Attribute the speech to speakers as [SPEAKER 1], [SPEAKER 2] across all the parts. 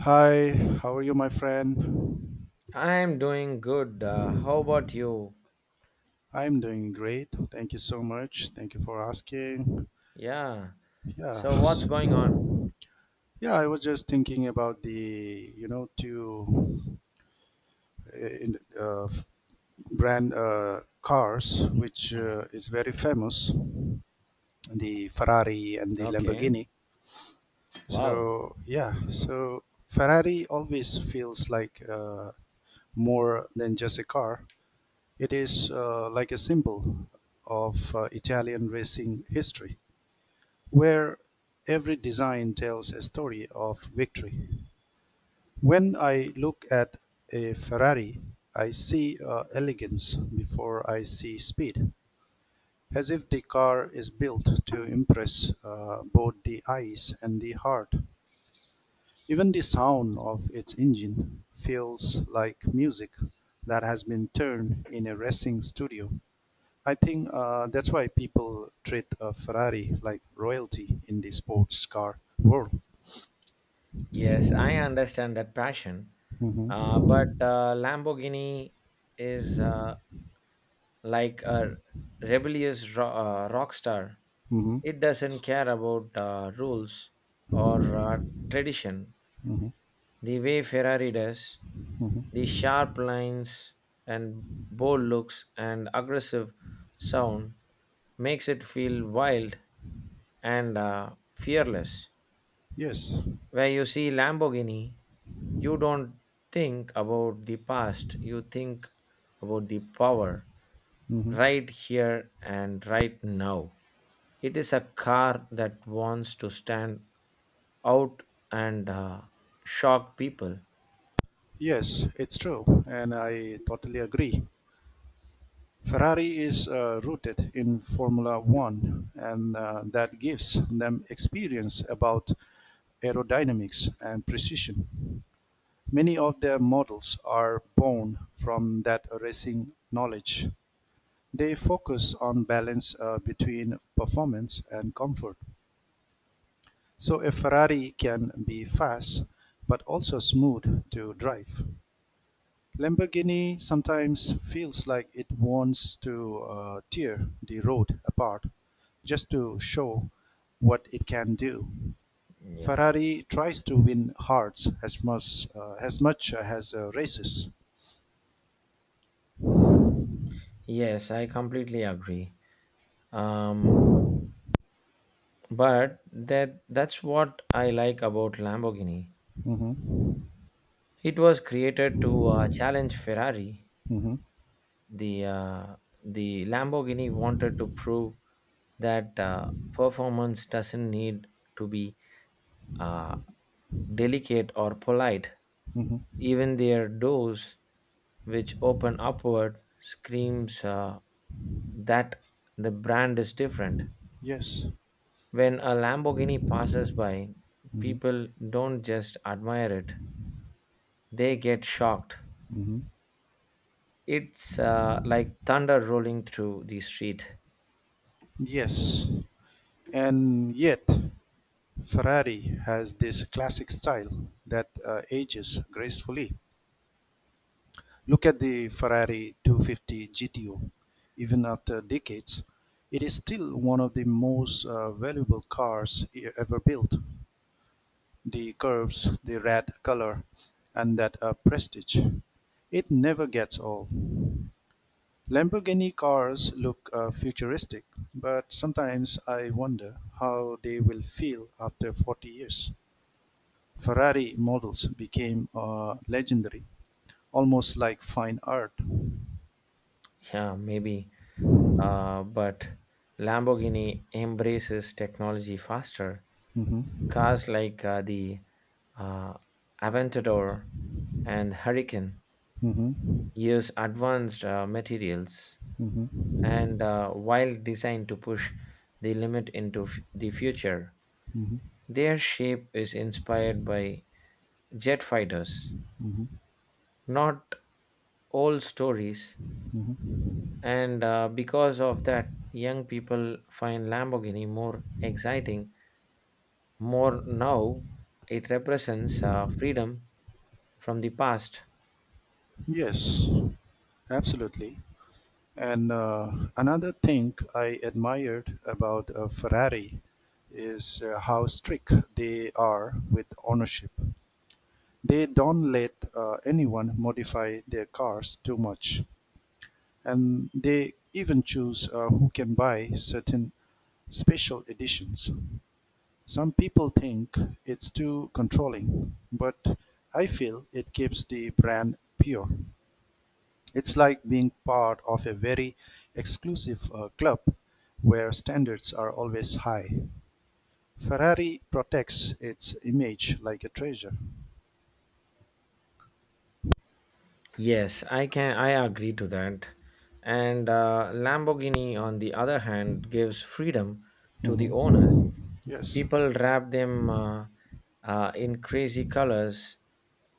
[SPEAKER 1] Hi, how are you, my friend?
[SPEAKER 2] I'm doing good. How about you?
[SPEAKER 1] I'm doing great. Thank you so much. Thank you for asking.
[SPEAKER 2] Yeah.
[SPEAKER 1] Yeah,
[SPEAKER 2] So, what's
[SPEAKER 1] s-
[SPEAKER 2] going on?
[SPEAKER 1] yeah. I was just thinking about the two in, brand cars, which
[SPEAKER 2] Hmm.
[SPEAKER 1] is very famous, the Ferrari and the
[SPEAKER 2] Okay.
[SPEAKER 1] Lamborghini.
[SPEAKER 2] Wow.
[SPEAKER 1] So Ferrari always feels like more than just a car. It is like a symbol of Italian racing history, where every design tells a story of victory. When I look at a Ferrari, I see elegance before I see speed, as if the car is built to impress both the eyes and the heart. Even the sound of its engine feels like music that has been turned in a racing studio. I think that's why people treat a Ferrari like royalty in the sports car world.
[SPEAKER 2] Yes, I understand that passion.
[SPEAKER 1] hmm
[SPEAKER 2] But Lamborghini is like a rebellious rock star.
[SPEAKER 1] hmm
[SPEAKER 2] It doesn't care about rules or tradition.
[SPEAKER 1] hmm
[SPEAKER 2] The way Ferrari does, the
[SPEAKER 1] hmm
[SPEAKER 2] sharp lines and bold looks and aggressive sound makes it feel wild and fearless.
[SPEAKER 1] Yes.
[SPEAKER 2] Where you see Lamborghini, you don't think about the past, you think about the power
[SPEAKER 1] hmm
[SPEAKER 2] right here and right now. It is a car that wants to stand out and shock people.
[SPEAKER 1] Yes, it's true, and I totally agree. Ferrari is rooted in Formula One, and that gives them experience about aerodynamics and precision. Many of their models are born from that racing knowledge. They focus on balance between performance and comfort. So a Ferrari can be fast but also smooth to drive. Lamborghini sometimes feels like it wants to tear the road apart just to show what it can do.
[SPEAKER 2] Yeah.
[SPEAKER 1] Ferrari tries to win hearts as much as races.
[SPEAKER 2] Yes, I completely agree. Um, but that's what I like about Lamborghini.
[SPEAKER 1] hmm
[SPEAKER 2] It was created to challenge Ferrari.
[SPEAKER 1] hmm
[SPEAKER 2] The uh, the Lamborghini wanted to prove that performance doesn't need to be uh, delicate or polite.
[SPEAKER 1] hmm
[SPEAKER 2] Even their doors, which open upward, screams that the brand is different.
[SPEAKER 1] Yes.
[SPEAKER 2] When a Lamborghini passes by,
[SPEAKER 1] hmm
[SPEAKER 2] people don't just admire it, they get shocked.
[SPEAKER 1] hmm
[SPEAKER 2] It's like thunder rolling through the street.
[SPEAKER 1] Yes. And yet, Ferrari has this classic style that ages gracefully. Look at the Ferrari 250 GTO. Even after decades, it is still one of the most valuable cars ever built. The curves, the red color, and that prestige. It never gets old. Lamborghini cars look futuristic, but sometimes I wonder how they will feel after 40 years. Ferrari models became legendary, almost like fine art.
[SPEAKER 2] Yeah, maybe. But Lamborghini embraces technology faster.
[SPEAKER 1] hmm
[SPEAKER 2] Cars like the uh, Aventador and Hurricane
[SPEAKER 1] hmm
[SPEAKER 2] use advanced materials
[SPEAKER 1] hmm
[SPEAKER 2] and wild design to push the limit into the future.
[SPEAKER 1] hmm
[SPEAKER 2] Their shape is inspired by jet fighters,
[SPEAKER 1] hmm
[SPEAKER 2] not old stories,
[SPEAKER 1] hmm
[SPEAKER 2] and because of that, young people find Lamborghini more exciting. More now, it represents freedom from the past.
[SPEAKER 1] Yes, absolutely. And another thing I admired about Ferrari is how strict they are with ownership. They don't let anyone modify their cars too much, and they even choose who can buy certain special editions. Some people think it's too controlling, but I feel it keeps the brand pure. It's like being part of a very exclusive club where standards are always high. Ferrari protects its image like a treasure.
[SPEAKER 2] Yes, I can. I agree to that. And Lamborghini, on the other hand, gives freedom to the owners.
[SPEAKER 1] Mhm. Yes.
[SPEAKER 2] People wrap them in crazy colors,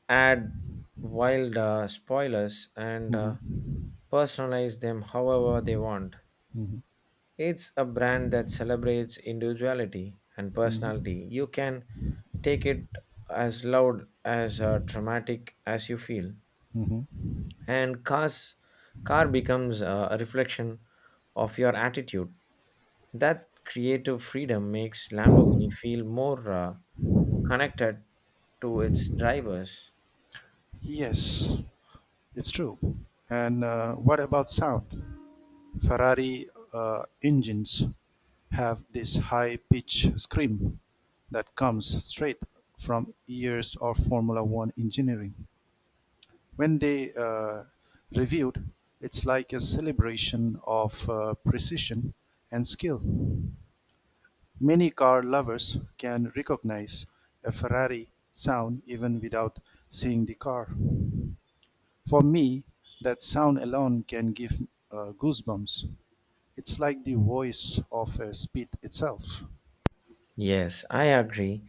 [SPEAKER 2] add wild spoilers, and
[SPEAKER 1] Mhm.
[SPEAKER 2] personalize them however they want.
[SPEAKER 1] Mhm.
[SPEAKER 2] It's a brand that celebrates individuality and
[SPEAKER 1] Mhm.
[SPEAKER 2] personality. You can take it as loud as dramatic as you feel,
[SPEAKER 1] Mhm.
[SPEAKER 2] and cars car becomes a reflection of your attitude. That creative freedom makes Lamborghini feel more. Connected to its drivers.
[SPEAKER 1] Yes. It's true. And what about sound? Ferrari engines have this high pitch scream that comes straight from years of Formula One engineering. When they reviewed, it's like a celebration of precision and skill. Many car lovers can recognize a Ferrari sound even without seeing the car. For me, that sound alone can give goosebumps. It's like the voice of speed itself.
[SPEAKER 2] Yes, I agree.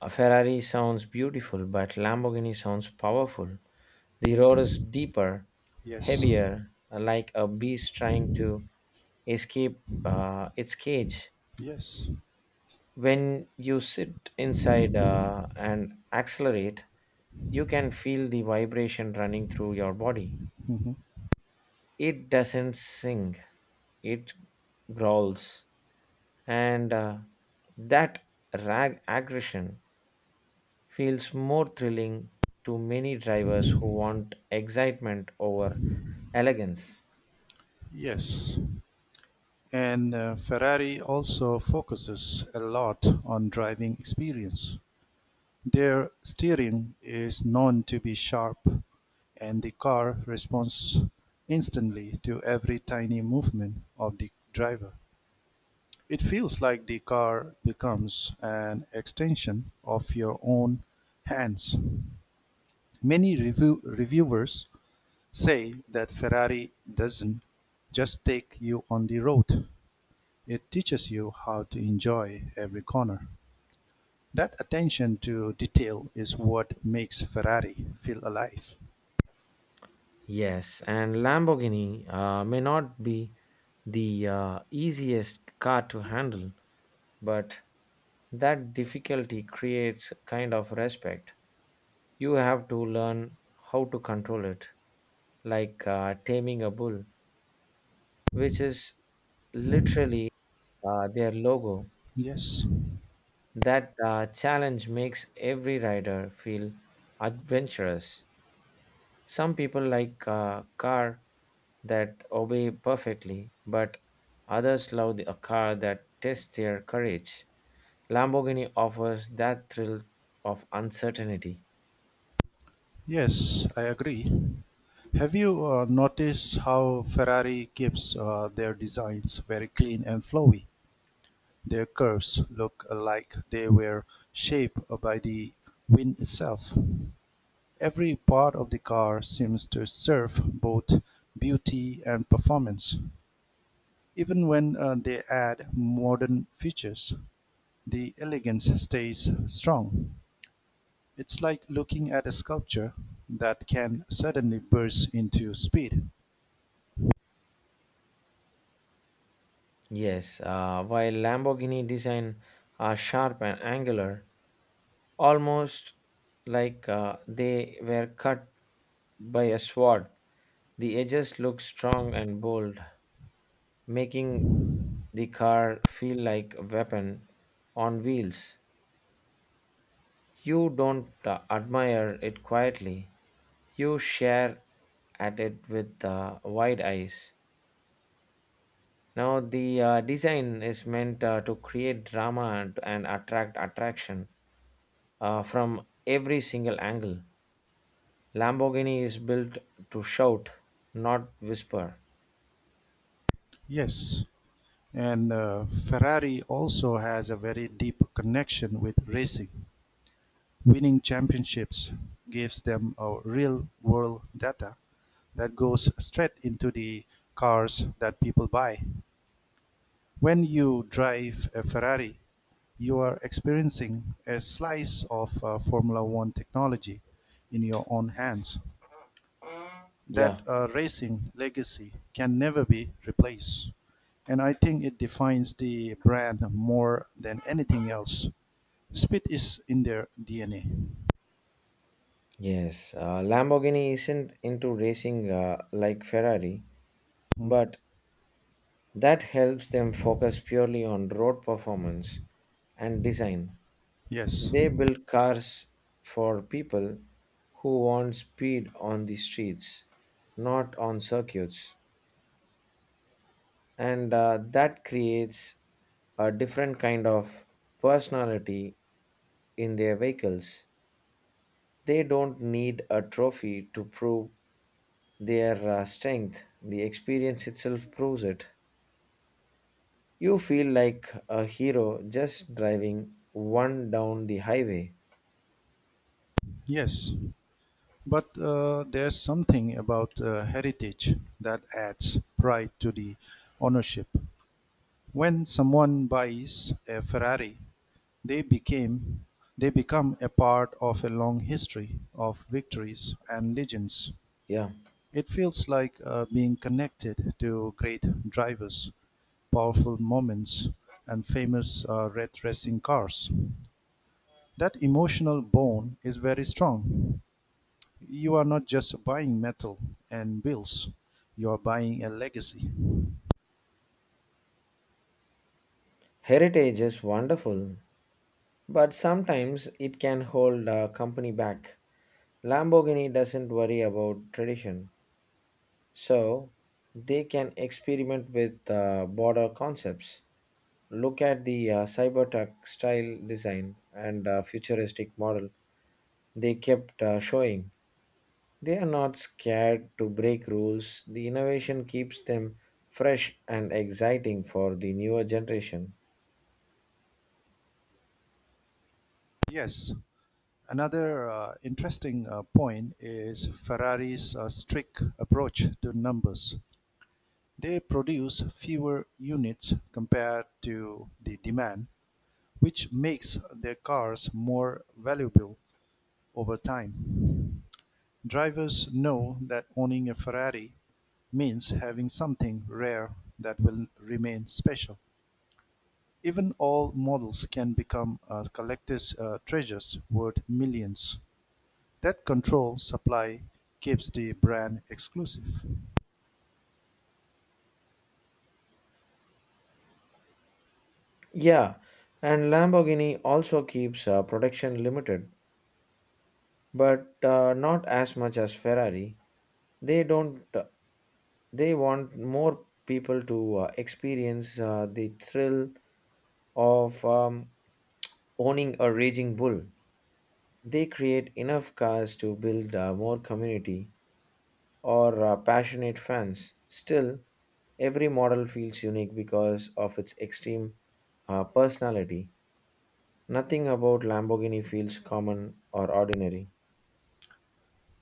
[SPEAKER 2] A Ferrari sounds beautiful, but Lamborghini sounds powerful. The roar is deeper,
[SPEAKER 1] Yes,
[SPEAKER 2] heavier, like a beast trying to escape its cage.
[SPEAKER 1] yes,
[SPEAKER 2] When you sit inside and accelerate, you can feel the vibration running through your body.
[SPEAKER 1] Mhm,
[SPEAKER 2] It doesn't sing, it growls. And that rag aggression feels more thrilling to many drivers who want excitement over elegance.
[SPEAKER 1] yes. And Ferrari also focuses a lot on driving experience. Their steering is known to be sharp, and the car responds instantly to every tiny movement of the driver. It feels like the car becomes an extension of your own hands. Many reviewers say that Ferrari doesn't just take you on the road, it teaches you how to enjoy every corner. That attention to detail is what makes Ferrari feel alive.
[SPEAKER 2] Yes, and Lamborghini may not be the easiest car to handle, but that difficulty creates kind of respect. You have to learn how to control it, like taming a bull, which is literally their logo.
[SPEAKER 1] Yes,
[SPEAKER 2] That challenge makes every rider feel adventurous. Some people like a car that obey perfectly, but others love a car that tests their courage. Lamborghini offers that thrill of uncertainty.
[SPEAKER 1] yes, I agree. Have you noticed how Ferrari keeps their designs very clean and flowy? Their curves look like they were shaped by the wind itself. Every part of the car seems to serve both beauty and performance. Even when they add modern features, the elegance stays strong. It's like looking at a sculpture that can suddenly burst into speed.
[SPEAKER 2] Yes, while Lamborghini design are sharp and angular, almost like they were cut by a sword. The edges look strong and bold, making the car feel like a weapon on wheels. You don't admire it quietly, you share at it with wide eyes. Now, the design is meant to create drama and attract attraction from every single angle. Lamborghini is built to shout, not whisper.
[SPEAKER 1] Yes, and Ferrari also has a very deep connection with racing. Winning championships gives them real-world data that goes straight into the cars that people buy. When you drive a Ferrari, you are experiencing a slice of Formula One technology in your own hands. That
[SPEAKER 2] Yeah,
[SPEAKER 1] racing legacy can never be replaced. And I think it defines the brand more than anything else. Speed is in their DNA.
[SPEAKER 2] yes. Lamborghini isn't into racing like Ferrari,
[SPEAKER 1] Mhm.
[SPEAKER 2] but that helps them focus purely on road performance and design.
[SPEAKER 1] Yes.
[SPEAKER 2] They build cars for people who want speed on the streets, not on circuits. And that creates a different kind of personality in their vehicles. They don't need a trophy to prove their strength, the experience itself proves it. You feel like a hero just driving one down the highway.
[SPEAKER 1] Yes, but there's something about heritage that adds pride to the ownership. When someone buys a Ferrari, they became they become a part of a long history of victories and legends.
[SPEAKER 2] Yeah,
[SPEAKER 1] It feels like being connected to great drivers, powerful moments, and famous red racing cars. That emotional bond is very strong. You are not just buying metal and bills, you are buying a legacy.
[SPEAKER 2] heritage is wonderful, but sometimes it can hold a company back. Lamborghini doesn't worry about tradition. So they can experiment with border concepts. Look at the cybertruck style design and futuristic model they kept showing. They are not scared to break rules. The innovation keeps them fresh and exciting for the newer generation.
[SPEAKER 1] Yes, another interesting point is Ferrari's strict approach to numbers. They produce fewer units compared to the demand, which makes their cars more valuable over time. Drivers know that owning a Ferrari means having something rare that will remain special. Even all models can become collectors' treasures worth millions. That control supply keeps the brand exclusive.
[SPEAKER 2] Yeah, and Lamborghini also keeps production limited, but not as much as Ferrari. They don't they want more people to experience the thrill of owning a raging bull. They create enough cars to build more community or passionate fans. Still, every model feels unique because of its extreme personality. Nothing about Lamborghini feels common or ordinary.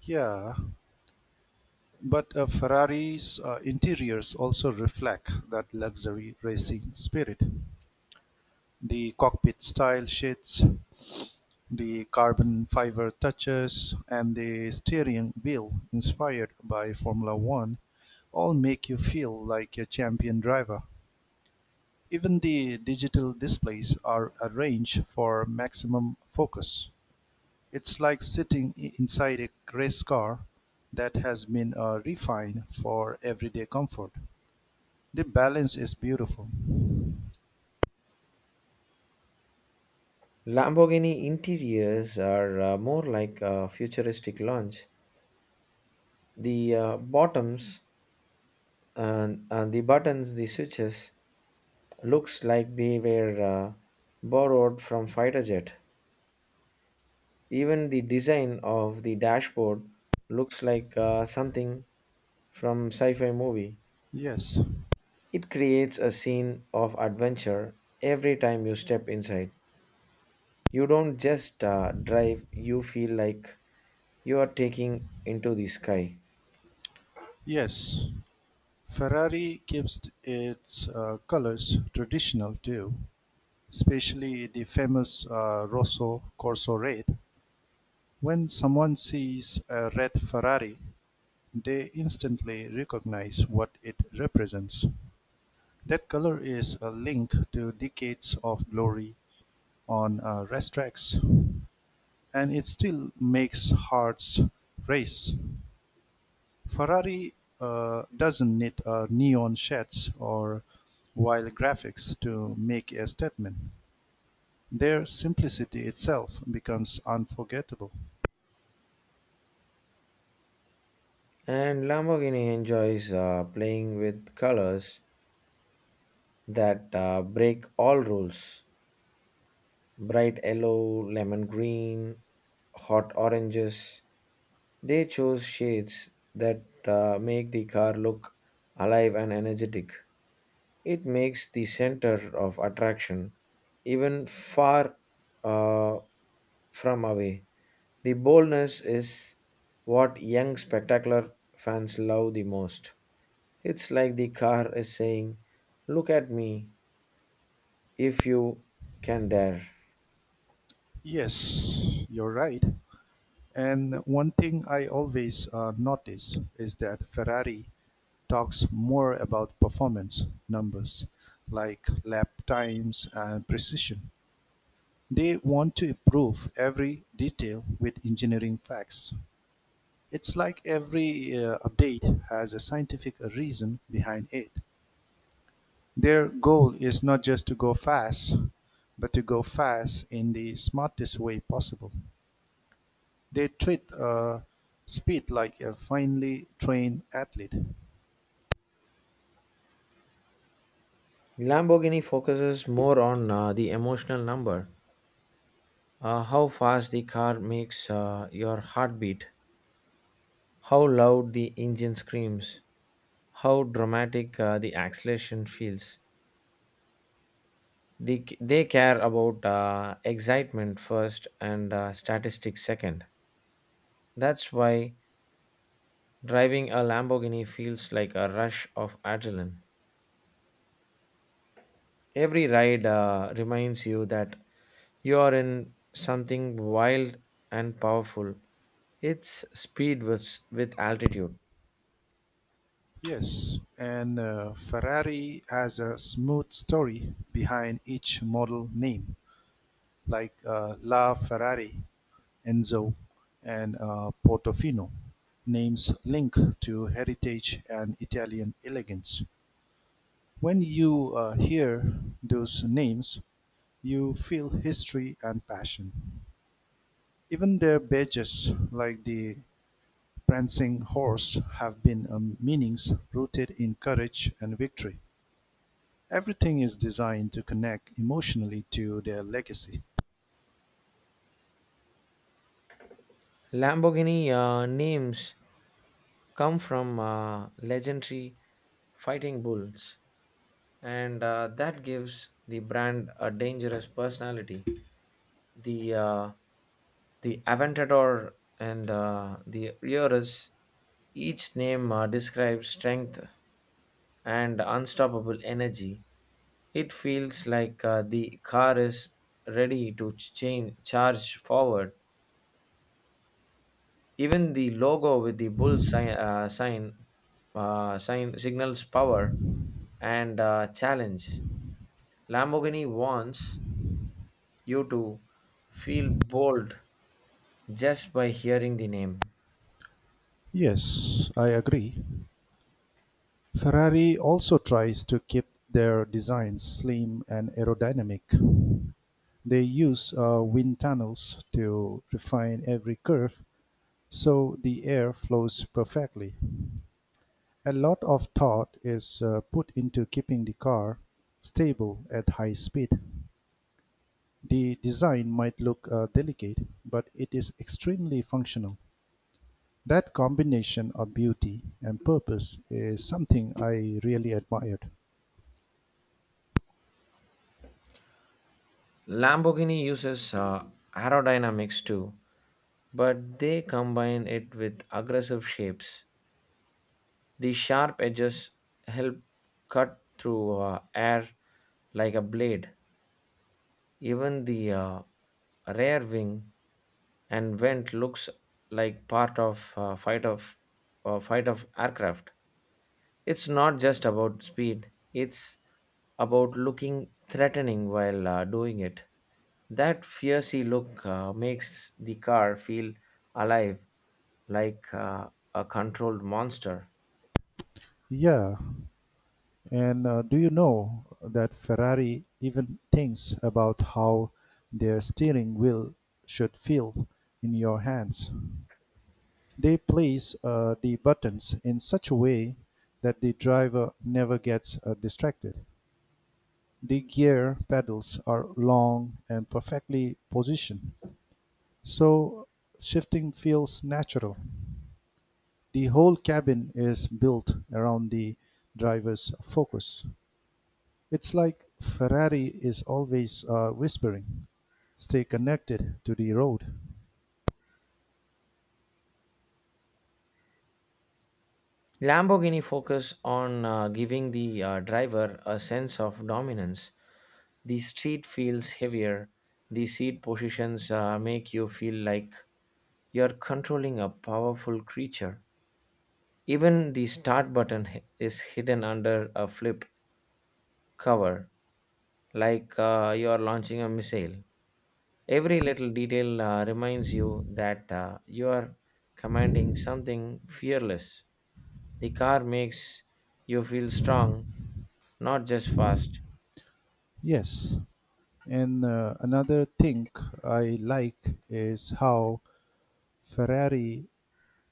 [SPEAKER 1] Yeah, but Ferrari's interiors also reflect that luxury racing spirit. The cockpit style sheets, the carbon fiber touches, and the steering wheel inspired by Formula One all make you feel like a champion driver. Even the digital displays are arranged for maximum focus. It's like sitting inside a race car that has been refined for everyday comfort. The balance is beautiful.
[SPEAKER 2] Lamborghini interiors are more like a futuristic launch. The bottoms and the buttons, the switches, looks like they were borrowed from fighter jet. Even the design of the dashboard looks like something from sci-fi movie.
[SPEAKER 1] Yes,
[SPEAKER 2] It creates a scene of adventure every time you step inside. You don't just drive; you feel like you are taking into the sky.
[SPEAKER 1] yes. Ferrari keeps its colors traditional too, especially the famous Rosso Corso red. When someone sees a red Ferrari, they instantly recognize what it represents. That color is a link to decades of glory on racetracks, and it still makes hearts race. Ferrari doesn't need neon sheds or wild graphics to make a statement. Their simplicity itself becomes unforgettable.
[SPEAKER 2] And Lamborghini enjoys playing with colors that break all rules. Bright yellow, lemon green, hot oranges. They chose shades that make the car look alive and energetic. It makes the center of attraction even far uh, from away. The boldness is what young spectacular fans love the most. It's like the car is saying, "Look at me if you can dare."
[SPEAKER 1] Yes, you're right. And one thing I always notice is that Ferrari talks more about performance numbers like lap times and precision. They want to improve every detail with engineering facts. It's like every update has a scientific reason behind it. Their goal is not just to go fast, but to go fast in the smartest way possible. They treat speed like a finely trained athlete.
[SPEAKER 2] Lamborghini focuses more on the emotional number how fast the car makes your heartbeat, how loud the engine screams, how dramatic the acceleration feels. They care about excitement first and statistics second. That's why driving a Lamborghini feels like a rush of adrenaline. Every ride reminds you that you are in something wild and powerful. It's speed with altitude.
[SPEAKER 1] Yes, and Ferrari has a smooth story behind each model name, like La Ferrari, Enzo, and Portofino, names linked to heritage and Italian elegance. When you hear those names, you feel history and passion. Even their badges, like the prancing horse have been meanings rooted in courage and victory. Everything is designed to connect emotionally to their legacy.
[SPEAKER 2] Lamborghini names come from legendary fighting bulls, and that gives the brand a dangerous personality. The uh, the Aventador and the Urus, each name describes strength and unstoppable energy. It feels like the car is ready to charge forward even the logo with the bull sign signals power and challenge. Lamborghini wants you to feel bold just by hearing the name.
[SPEAKER 1] Yes, I agree. Ferrari also tries to keep their designs slim and aerodynamic. They use wind tunnels to refine every curve so the air flows perfectly. A lot of thought is put into keeping the car stable at high speed. The design might look delicate, but it is extremely functional. That combination of beauty and purpose is something I really admired.
[SPEAKER 2] Lamborghini uses aerodynamics too, but they combine it with aggressive shapes. The sharp edges help cut through air like a blade. Even the rear wing and vent looks like part of fight of aircraft. It's not just about speed; it's about looking threatening while doing it. That fiercy look makes the car feel alive, like a controlled monster.
[SPEAKER 1] Yeah, and do you know that Ferrari even thinks about how their steering wheel should feel in your hands? They place the buttons in such a way that the driver never gets distracted. The gear pedals are long and perfectly positioned, so shifting feels natural. The whole cabin is built around the driver's focus. It's like Ferrari is always whispering, stay connected to the road.
[SPEAKER 2] Lamborghini focus on giving the driver a sense of dominance. The street feels heavier. The seat positions make you feel like you're controlling a powerful creature. Even the start button is hidden under a flip cover, like you're launching a missile. Every little detail reminds you that you are commanding something fearless. The car makes you feel strong, not just fast.
[SPEAKER 1] Yes, and another thing I like is how Ferrari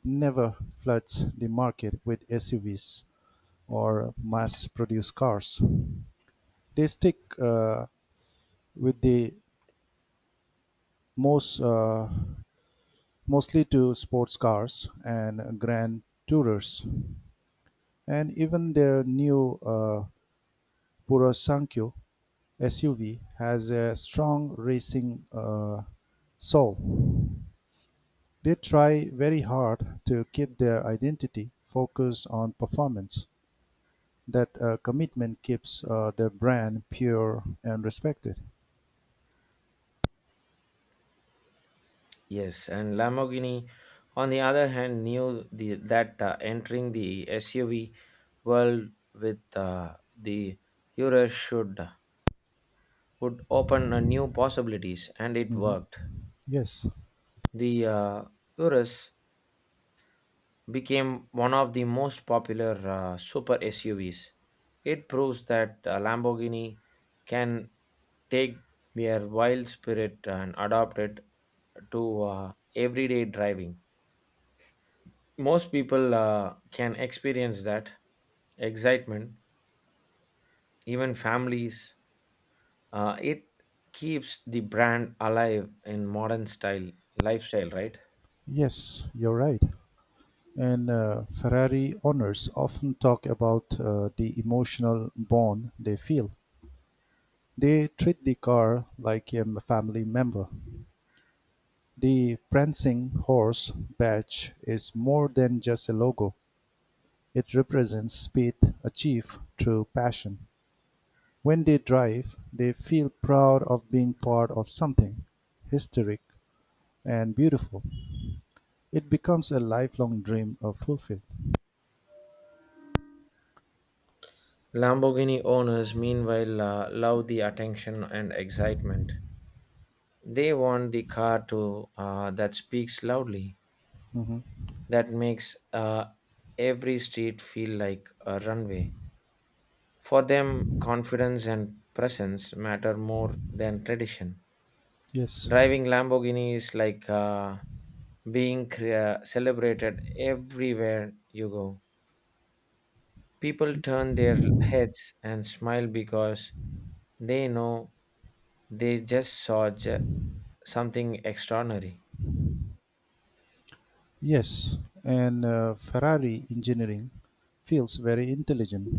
[SPEAKER 1] never floods the market with SUVs or mass produced cars. They stick with the most mostly to sports cars and grand tourers, and even their new Purasankyo SUV has a strong racing soul. They try very hard to keep their identity focused on performance. That commitment keeps their brand pure and respected.
[SPEAKER 2] Yes, and Lamborghini, on the other hand, knew that entering the SUV world with the Urus should would open a new possibilities, and it
[SPEAKER 1] Mhm.
[SPEAKER 2] worked.
[SPEAKER 1] Yes,
[SPEAKER 2] The Urus became one of the most popular super SUVs. It proves that Lamborghini can take their wild spirit and adopt it to everyday driving. Most people can experience that excitement, even families. It keeps the brand alive in modern style lifestyle, right?
[SPEAKER 1] yes, you're right. And Ferrari owners often talk about the emotional bond they feel. They treat the car like a family member. The prancing horse badge is more than just a logo, it represents speed achieved through passion. When they drive, they feel proud of being part of something historic and beautiful. It becomes a lifelong dream of fulfilled.
[SPEAKER 2] Lamborghini owners, meanwhile, love the attention and excitement, they want the car to that speaks loudly,
[SPEAKER 1] Mhm.
[SPEAKER 2] that makes every street feel like a runway for them, confidence and presence matter more than tradition.
[SPEAKER 1] Yes.
[SPEAKER 2] Driving Lamborghini is like being celebrated everywhere you go, people turn their heads and smile because they know they just saw something extraordinary.
[SPEAKER 1] Yes, and Ferrari engineering feels very intelligent.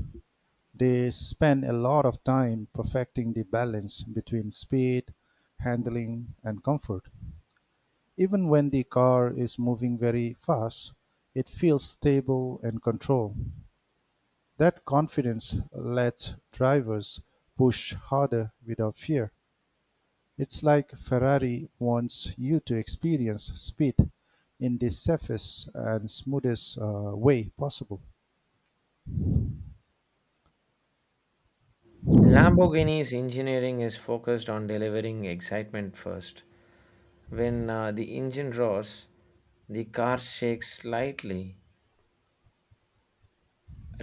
[SPEAKER 1] They spend a lot of time perfecting the balance between speed, handling, and comfort. Even when the car is moving very fast, it feels stable and controlled. That confidence lets drivers push harder without fear. It's like Ferrari wants you to experience speed in the safest and smoothest way possible.
[SPEAKER 2] Lamborghini's engineering is focused on delivering excitement first. When the engine roars, the car shakes slightly,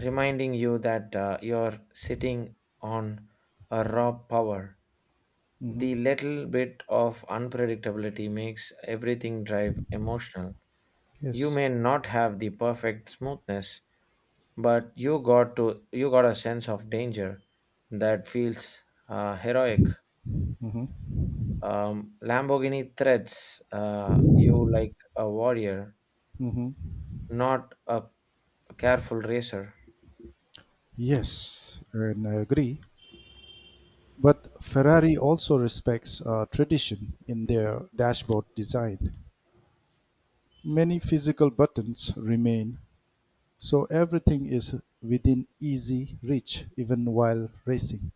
[SPEAKER 2] reminding you that you're sitting on a raw power.
[SPEAKER 1] hmm
[SPEAKER 2] The little bit of unpredictability makes everything drive emotional. You
[SPEAKER 1] Yes.
[SPEAKER 2] may not have the perfect smoothness, but you got a sense of danger that feels heroic.
[SPEAKER 1] hmm
[SPEAKER 2] Lamborghini threats you like a warrior,
[SPEAKER 1] hmm
[SPEAKER 2] not a careful racer.
[SPEAKER 1] Yes, and I agree. But Ferrari also respects tradition in their dashboard design. Many physical buttons remain, so everything is within easy reach even while racing.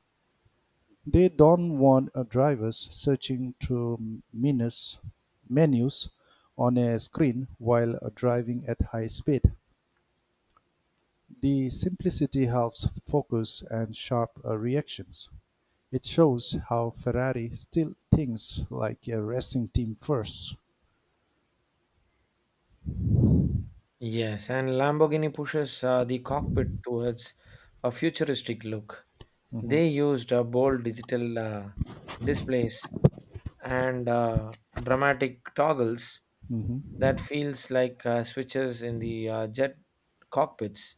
[SPEAKER 1] They don't want drivers searching through menus on a screen while driving at high speed. The simplicity helps focus and sharp reactions. It shows how Ferrari still thinks like a racing team 1st.
[SPEAKER 2] Yes, and Lamborghini pushes the cockpit towards a futuristic look. They used bold digital displays and dramatic toggles that feels like switches in the jet cockpits.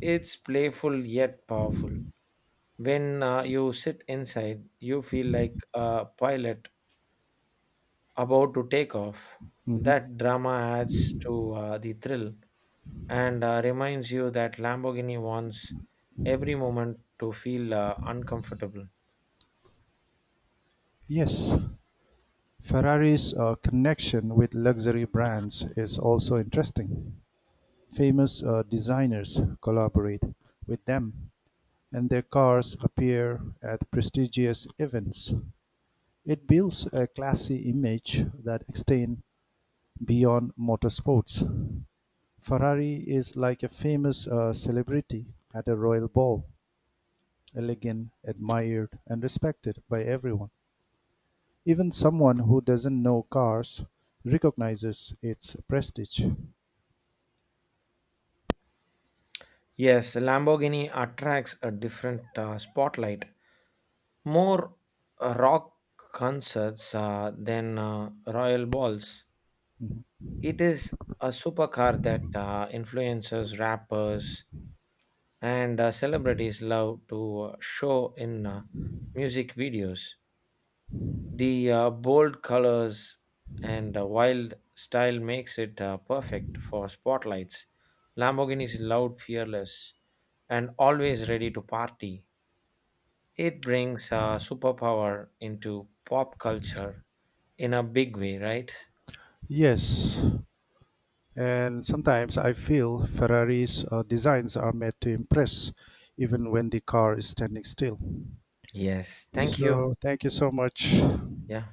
[SPEAKER 2] It's playful yet powerful. When you sit inside, you feel like a pilot about to take off. That drama adds to the thrill and reminds you that Lamborghini wants every moment to feel uncomfortable.
[SPEAKER 1] Yes, Ferrari's connection with luxury brands is also interesting. Famous designers collaborate with them, and their cars appear at prestigious events. It builds a classy image that extends beyond motorsports. Ferrari is like a famous celebrity at a royal ball, elegant, admired, and respected by everyone. Even someone who doesn't know cars recognizes its prestige.
[SPEAKER 2] Yes, Lamborghini attracts a different spotlight, more rock concerts than royal balls. It is a supercar that influencers, rappers, and celebrities love to show in music videos. The bold colors and wild style makes it perfect for spotlights. Lamborghini is loud, fearless, and always ready to party. It brings a superpower into pop culture in a big way, right?
[SPEAKER 1] Yes. And sometimes I feel Ferrari's designs are made to impress, even when the car is standing still.
[SPEAKER 2] Yes, thank you.
[SPEAKER 1] So, thank you so much.
[SPEAKER 2] Yeah.